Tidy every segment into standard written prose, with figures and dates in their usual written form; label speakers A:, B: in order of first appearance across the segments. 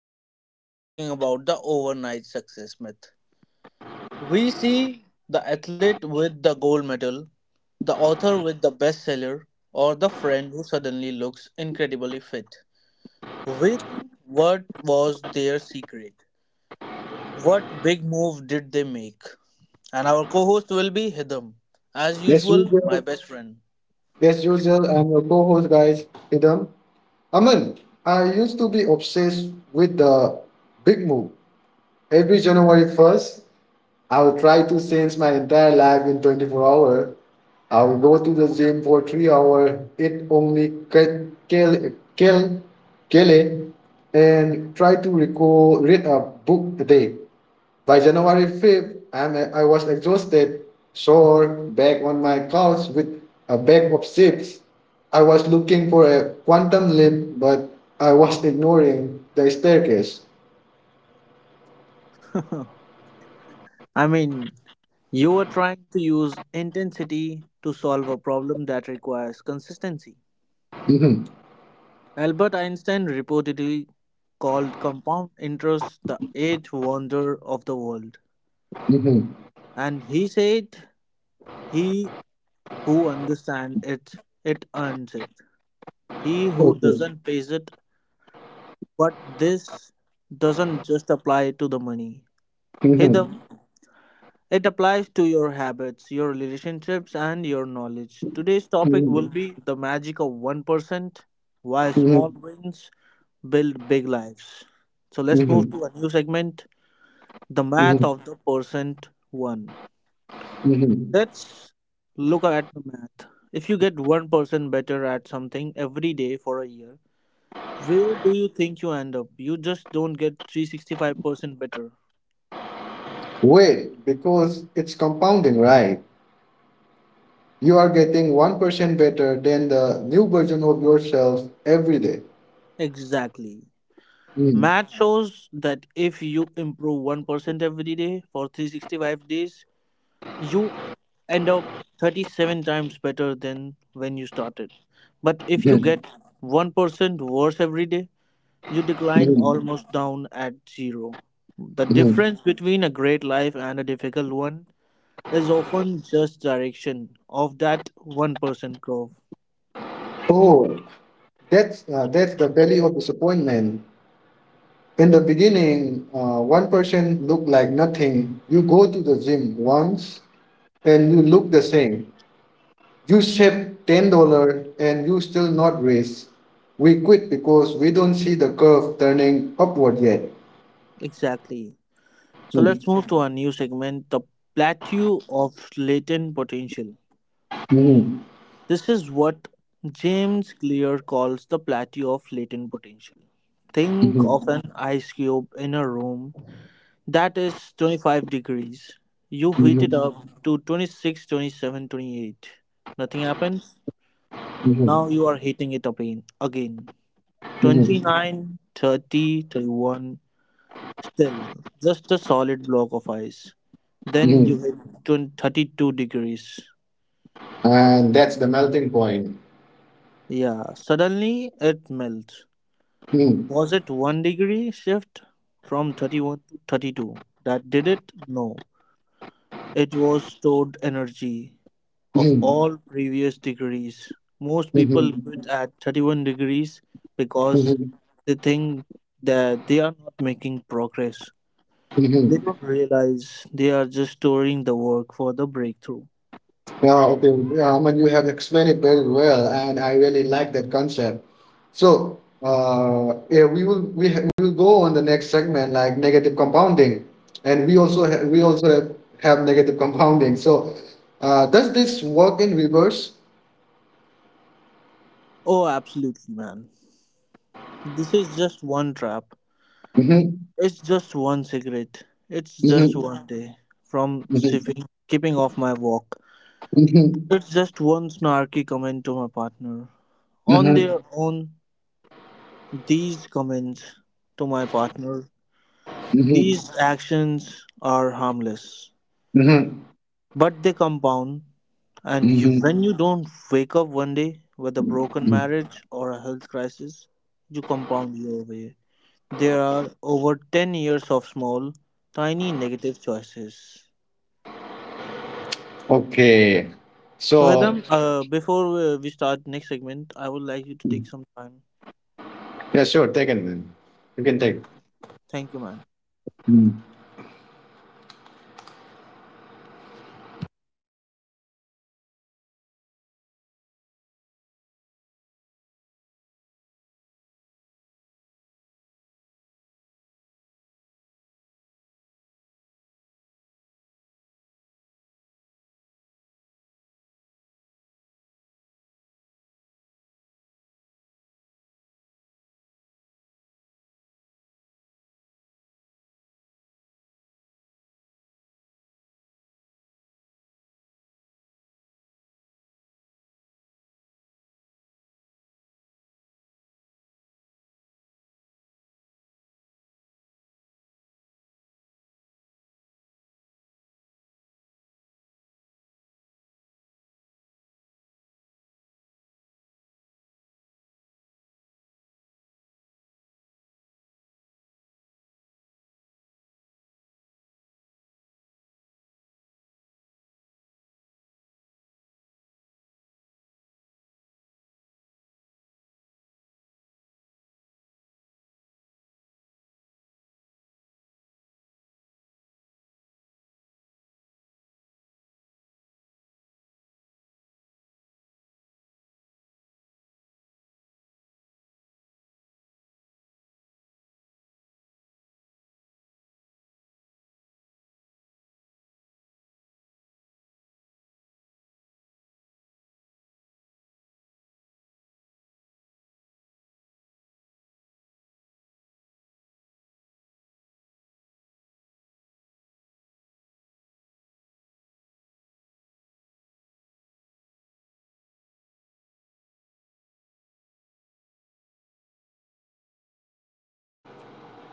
A: and today we are talking about the overnight success myth. We see the athlete with the gold medal, the author with the bestseller, or the friend who suddenly looks incredibly fit. We think, what was their secret? What big move did they make? And our co host will be Hidam, as
B: Yes,
A: usual, my
B: usual.
A: best friend.
B: Yes, usual. I'm your co-host, guys. Idam. Aman, I used to be obsessed with the big move. Every January 1st, I would try to change my entire life in 24 hours. I would go to the gym for 3 hours, eat only kale, kale, kale, and try to read a book a day. By January 5th, I was exhausted, sore, back on my couch with a bag of chips. I was looking for a quantum leap, but I was ignoring the staircase.
A: I mean, you are trying to use intensity to solve a problem that requires consistency.
B: Mhm.
A: Albert Einstein reportedly called compound interest the eighth wonder of the world,
B: Mhm.
A: and he said, he who understands it, it earns it. He who
B: Okay.
A: doesn't, pays it, but this doesn't just apply to the money. Hidam,
B: Mhm.
A: it applies to your habits, your relationships, and your knowledge. Today's topic will
B: Mhm.
A: be the magic of 1%, why
B: Mhm.
A: small wins build big lives. So let's move
B: Mhm.
A: to a new segment, the math
B: Mhm.
A: of the percent one.
B: Mhm.
A: Let's look at the math. If you get 1% better at something every day for a year, where do you think you end up? You just don't get 365% better.
B: Wait, because it's compounding, right? You are getting 1% better than the new version of yourself every day.
A: Exactly.
B: Mhm.
A: Math shows that if you improve 1% every day for 365 days, you end up 37 times better than when you started. But if you
B: Mhm.
A: get 1% worse every day, you decline
B: Mhm.
A: almost down at zero. The
B: Mhm.
A: difference between a great life and a difficult one is often just direction of that 1% curve.
B: Oh, that's the value of disappointment. In the beginning, one person looked like nothing. You go to the gym once and you look the same. You save $10 and you still not raise. We quit because we don't see the curve turning upward yet.
A: Exactly. So
B: Mm.
A: let's move to our new segment, the plateau of latent potential.
B: Mhm.
A: This is what James Clear calls the plateau of latent potential. Think of
B: Mhm.
A: an ice cube in a room that is 25 degrees. You heat it
B: Mhm.
A: up to 26, 27, 28. Nothing happens.
B: Mhm.
A: Now you are heating it up again.
B: Mhm.
A: 29 30, 31. Still, just a solid block of ice. Then you
B: Mhm.
A: hit 20 32 degrees.
B: And that's the melting point.
A: Yeah, suddenly it melts.
B: Mm.
A: Was it one degree shift from 31 to 32 that did it? No. It was stored energy of
B: Mhm.
A: all previous degrees. Most people quit
B: Mhm.
A: at 31 degrees because
B: Mhm.
A: they think that they are not making progress. They
B: Mhm.
A: don't realize they are just storing the work for the breakthrough.
B: Yeah, okay. Yeah, Aman, you have explained it very well, and I really like that concept. So, yeah, we will go on the next segment like negative compounding, and we also have negative compounding. So, does this work in reverse?
A: Oh, absolutely, man. This is just one trap.
B: Mm-hmm.
A: It's just one cigarette. It's just
B: Mm-hmm.
A: one day from
B: Mm-hmm.
A: sipping, keeping off my walk.
B: Mm-hmm.
A: It's just one snarky comment to my partner. On their own, these comments to my partner,
B: Mm-hmm. Mm-hmm.
A: these actions are harmless,
B: Mm-hmm.
A: but they compound. And you,
B: Mm-hmm.
A: when you don't wake up one day with a broken
B: Mm-hmm.
A: marriage or a health crisis, you compound your way. There are over 10 years of small, tiny negative choices.
B: Okay,
A: So
B: so
A: Hedam, before we start next segment, I would like you to take some time.
B: yeah, sure, take it then. You can
A: Yeah,
B: take.
A: thank you, man.
B: Mm.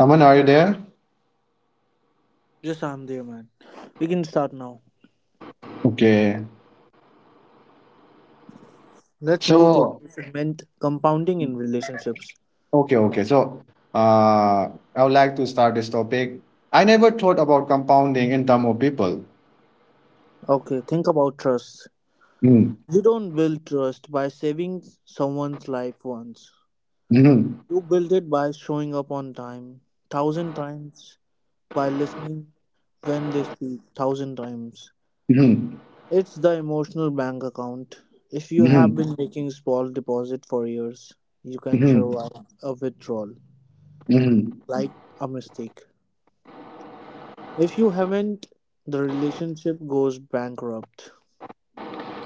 B: Aman, are you there?
A: Yes, I'm there, man. We can start now.
B: Okay.
A: Let's move to
B: So,
A: another segment: compounding in relationships.
B: okay, okay. So, uh, I would like to start this topic. I never thought about compounding in terms of people.
A: Okay, think about trust.
B: Mm.
A: You don't build trust by saving someone's life once.
B: Mhm.
A: You build it by showing up on time, thousand times, by listening when they speak, thousand times.
B: Mhm.
A: It's the emotional bank account. If you
B: Mhm.
A: have been making small deposit for years, you can
B: Mhm.
A: survive a withdrawal
B: Mhm.
A: like a mistake. If you haven't, the relationship goes bankrupt.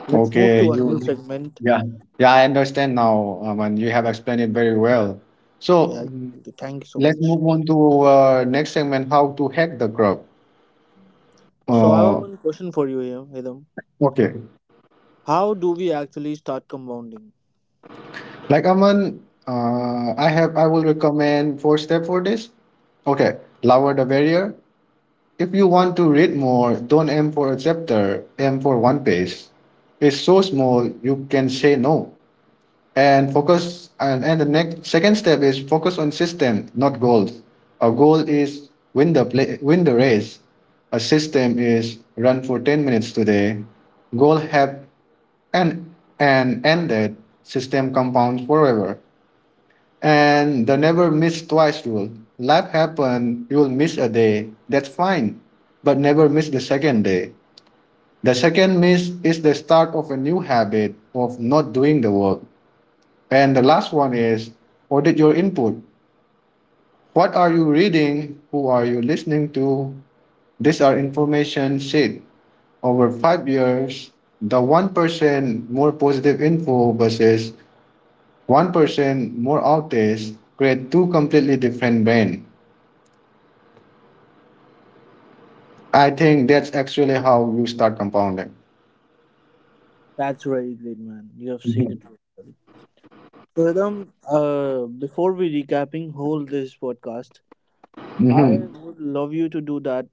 A: Let's move
B: Okay,
A: to a new segment.
B: yeah, yeah, I understand now, you have explained it very well. So,
A: Yeah,
B: mm,
A: thank you so
B: let's
A: much.
B: move on to next segment, how to hack the crop.
A: So I have
B: Uh,
A: one question for you, here, Hidam.
B: okay,
A: How do we actually start compounding?
B: like Aman, I will recommend four step for this. Okay, lower the barrier. If you want to read more, don't aim for a chapter, aim for one page. It's so small you can say no and focus and the next second step is focus on system, not goals. A goal is win the play, win the race. A system is run for 10 minutes today. Goal have an an end that system compounds forever. And the never miss twice rule. Life happen, you will miss a day. That's fine. But never miss the second day. The second miss is the start of a new habit of not doing the work. And the last one is audit your input. What are you reading? Who are you listening to? These are information sheet. Over 5 years, the 1% more positive info versus 1% more outage create two completely different brain. I think that's actually how you start compounding.
A: That's very great, man. You have said it
B: Mm-hmm.
A: very well. So Hidam, before we recapping whole this podcast, I
B: Mm-hmm.
A: would love you to do that.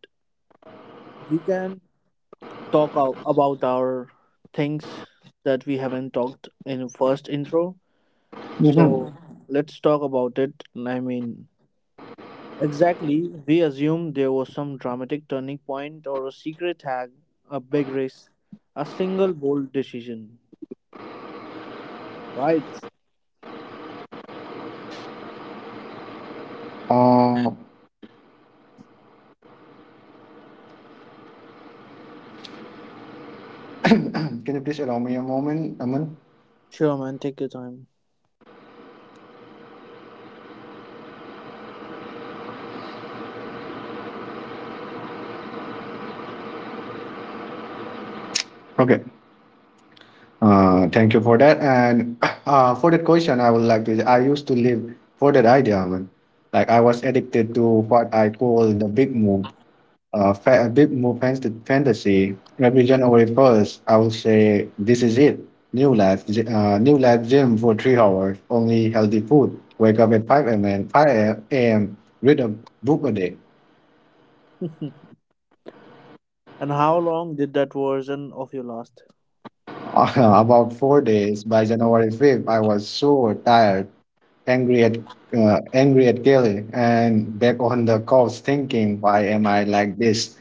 A: We can talk about our things that we haven't talked in first intro.
B: Mm-hmm.
A: So let's talk about it. I mean, exactly. We assume there was some dramatic turning point or a secret hack, a big race, a single bold decision. Right.
B: Uh, can you please allow me a moment, Aman?
A: Sure, man. Take your time.
B: Okay. Thank you for that. And for that question, I would like to. I used to live for that idea, Aman. Like I was addicted to what I call the big move. A bit more fancy, fantasy, every January 1st, I will say, this is it. New life, gym for 3 hours, only healthy food. Wake up at 5 a.m., 5 a.m., read a book a day.
A: And how long did that version of you last?
B: About 4 days, by January 5th, I was so tired, angry at angry at Kelly, and back on the couch thinking, why am I like this?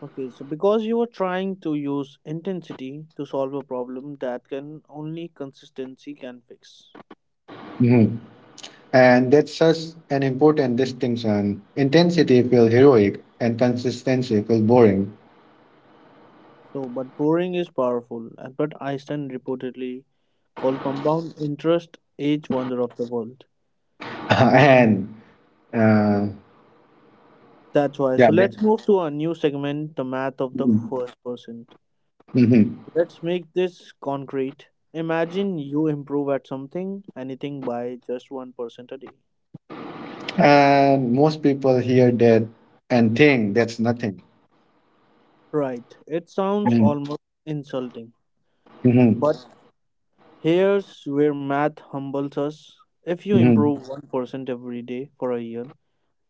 A: Okay, so because you are trying to use intensity to solve a problem that can only consistency can fix.
B: And that's such an important distinction. Intensity feels heroic and consistency feels boring.
A: So, but boring is powerful, and but Einstein reportedly called compound interest age wonder of the world.
B: and uh,
A: That's why.
B: yeah,
A: So let's move to our new segment, the math of the
B: Mhm.
A: first percent.
B: Mhm.
A: Let's make this concrete. Imagine you improve at something, anything by just 1% a day.
B: And most people hear that and think that's nothing.
A: Right. It sounds
B: Mhm.
A: almost insulting,
B: Mhm.
A: but here's where math humbles us. If you
B: Mhm.
A: improve 1% every day for a year,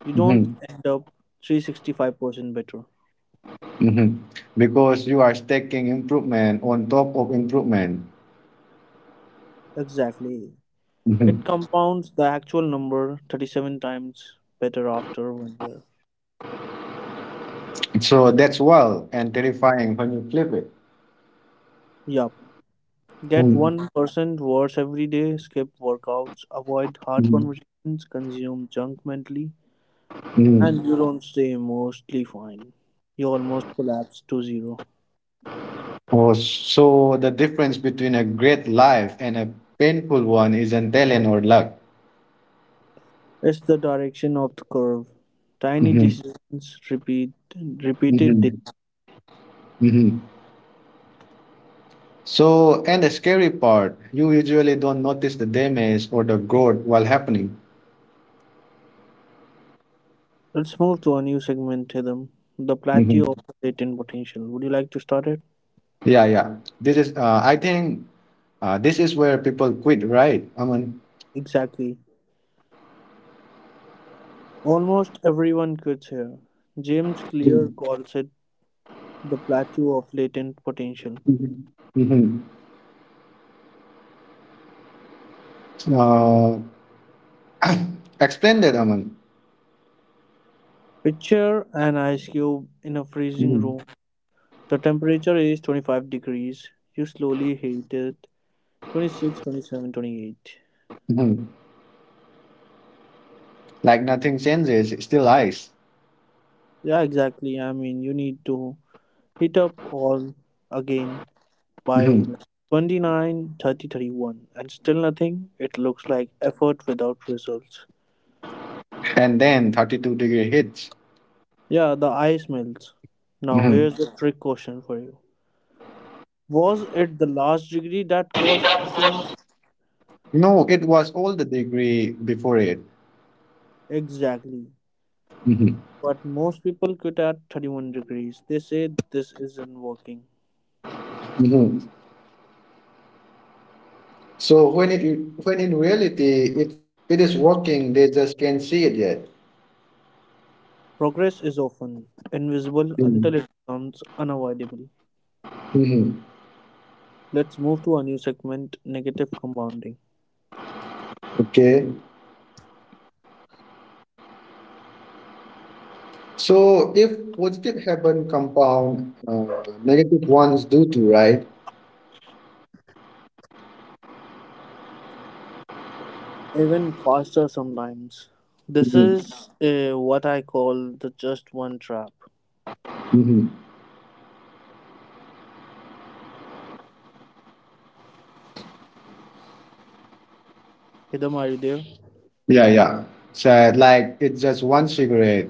A: you don't
B: Mhm.
A: end up 365% better.
B: Mhm. Because you are stacking improvement on top of improvement.
A: Exactly.
B: Mhm.
A: It compounds the actual number 37 times better after one year.
B: So that's wild and terrifying when you flip it.
A: Yup. Get
B: Mhm.
A: 1% worse every day, skip workouts, avoid hard
B: Mhm.
A: conversations, consume junk mentally,
B: Mhm.
A: and you don't stay mostly fine. You almost collapse to zero.
B: Oh, so the difference between a great life and a painful one isn't talent or luck.
A: It's the direction of the curve. Tiny
B: Hmm.
A: decisions repeated day.
B: Hmm. Hmm. So, and the scary part, you usually don't notice the damage or the growth while happening.
A: Let's move to a new segment, Hidam. The plateau
B: Hmm.
A: of latent potential. Would you like to start it?
B: Yeah, yeah. This is, I think, this is where people quit, right? Aman.
A: Exactly. Almost everyone quits here. James Clear calls it the plateau of latent potential.
B: Mm-hmm. Uh, explain that, Aman.
A: Picture an ice cube in a freezing
B: Hmm.
A: room. The temperature is 25 degrees. You slowly heat it 26, 27, 28.
B: Hmm. Like nothing changes, it's still ice.
A: Yeah, exactly. I mean, you need to hit up all again by 29, 30, 31, and still nothing. It looks like effort without results.
B: And then 32-degree hits.
A: Yeah, the ice melts. Now here's
B: Mhm.
A: the trick question for you: was it the last degree that caused the change?
B: No, it was all the degree before it.
A: Exactly.
B: Mhm.
A: But most people quit at 31 degrees. They say this isn't working.
B: Mhm. So when in reality it is working, they just can't see it yet.
A: Progress is often invisible until
B: Mhm.
A: it becomes unavoidable.
B: Mhm.
A: Let's move to a new segment, negative compounding.
B: Okay. So if positive happen compound, negative ones do too, right?
A: Even faster sometimes. This
B: Mhm.
A: is what I call the just one trap.
B: Mhm.
A: Hidam, are you there?
B: Yeah, yeah. So like it's just one cigarette.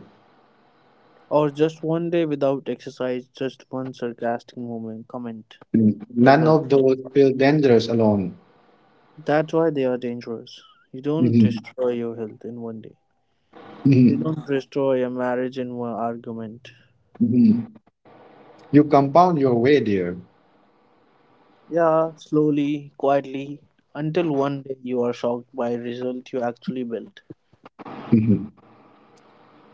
A: Or just one day without exercise, just one sarcastic comment,
B: Mm. None
A: struggle.
B: of those feel dangerous alone.
A: That's why they are dangerous. You don't
B: Mhm.
A: destroy your health in one day. You
B: Mhm.
A: don't destroy a marriage in one argument.
B: Mhm. You compound your way there.
A: Yeah, slowly, quietly, until one day you are shocked by result you actually built.
B: Mhm.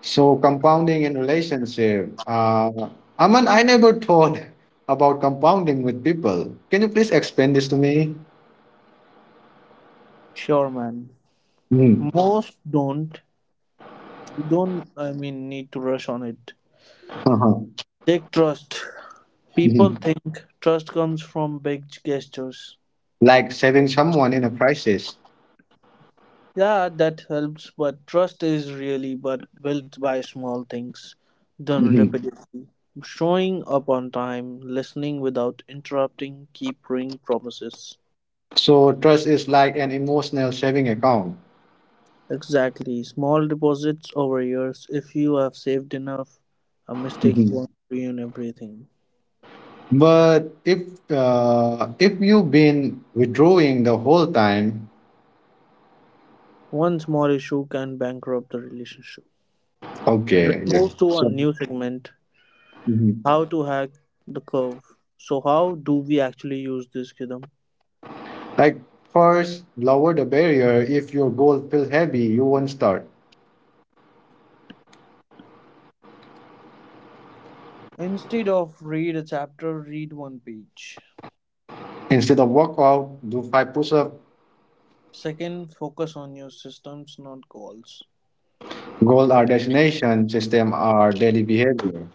B: So compounding in relationship, Aman, I never thought about compounding with people. Can you please explain this to me?
A: Sure, man.
B: Mhm.
A: Most don't. You don't, I mean, need to rush on it.
B: Uh-huh.
A: Take trust. People
B: Mhm.
A: think trust comes from big gestures.
B: Like saving someone in a crisis.
A: Yeah, that helps, but trust is really but built by small things done
B: Mhm.
A: repeatedly. Showing up on time, listening without interrupting, keeping promises.
B: So trust is like an emotional saving account.
A: Exactly. Small deposits over years. If you have saved enough, a mistake
B: Mhm.
A: won't ruin everything.
B: But if you've been withdrawing the whole time,
A: One small issue can bankrupt the relationship. Let's
B: okay, yeah.
A: move to a
B: So,
A: new segment,
B: mhm.
A: how to hack the curve. So, how do we actually use this, Kidam?
B: Like first, lower the barrier. If your goal feels heavy, you won't start.
A: Instead of read a chapter, read one page.
B: Instead of workout, do five push-ups.
A: Second, focus on your systems, not goals.
B: Goal are destination, system are daily behavior.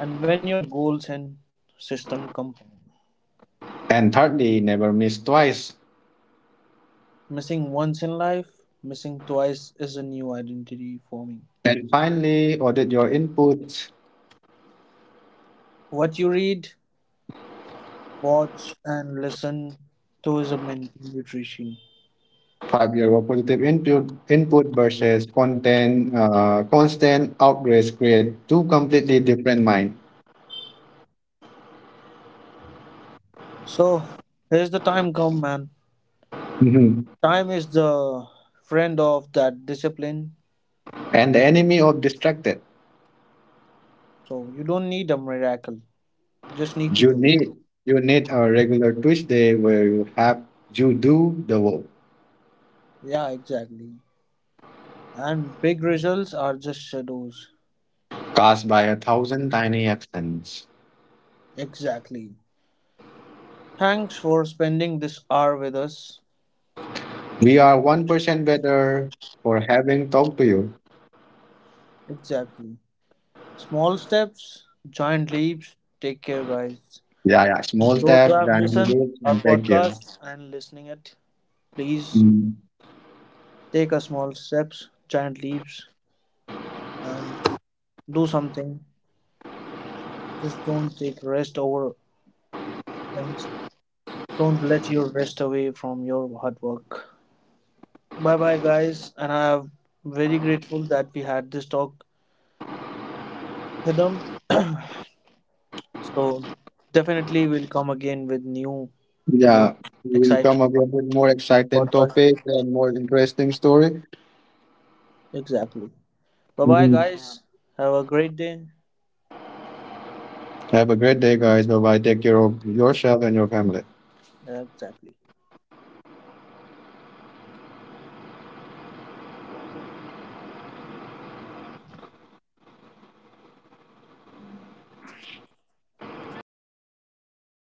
A: And when your goals and system compound,
B: And thirdly, never miss twice.
A: missing once in life, missing twice is a new identity forming.
B: And finally, audit your input.
A: What you read, watch, and listen to is a mental nutrition.
B: 5 year positive input versus content constant outrage create two completely different mind.
A: So, here's the time come, man.
B: Mhm.
A: Time is the friend of that discipline.
B: And the enemy of distracted.
A: So you don't need a miracle. Just need to
B: You
A: do it.
B: need you need a regular Tuesday where you do the work,
A: Yeah, exactly. And big results are just shadows.
B: cast by a thousand tiny accents.
A: Exactly. Thanks for spending this hour with us.
B: We are 1% better for having talked to you.
A: Exactly. Small steps, giant leaps. Take care, guys.
B: Yeah, yeah. Small
A: Those who
B: step,
A: have
B: tiny
A: listened
B: roots,
A: our
B: and thank you.
A: podcast and listening it, please
B: Mm.
A: take a small steps, giant leaps, and do something. Just don't take rest over things. Don't let your rest away from your hard work. Bye bye, guys. And I am very grateful that we had this talk with them. So, definitely, we'll come again with new, more
B: Yeah, we'll
A: exciting
B: come up with more exciting topics
A: podcast.
B: and more interesting story.
A: Exactly. Bye bye,
B: Mhm.
A: guys. Have a great day.
B: Have a great day, guys. Bye bye. Take care of yourself and your family.
A: Exactly.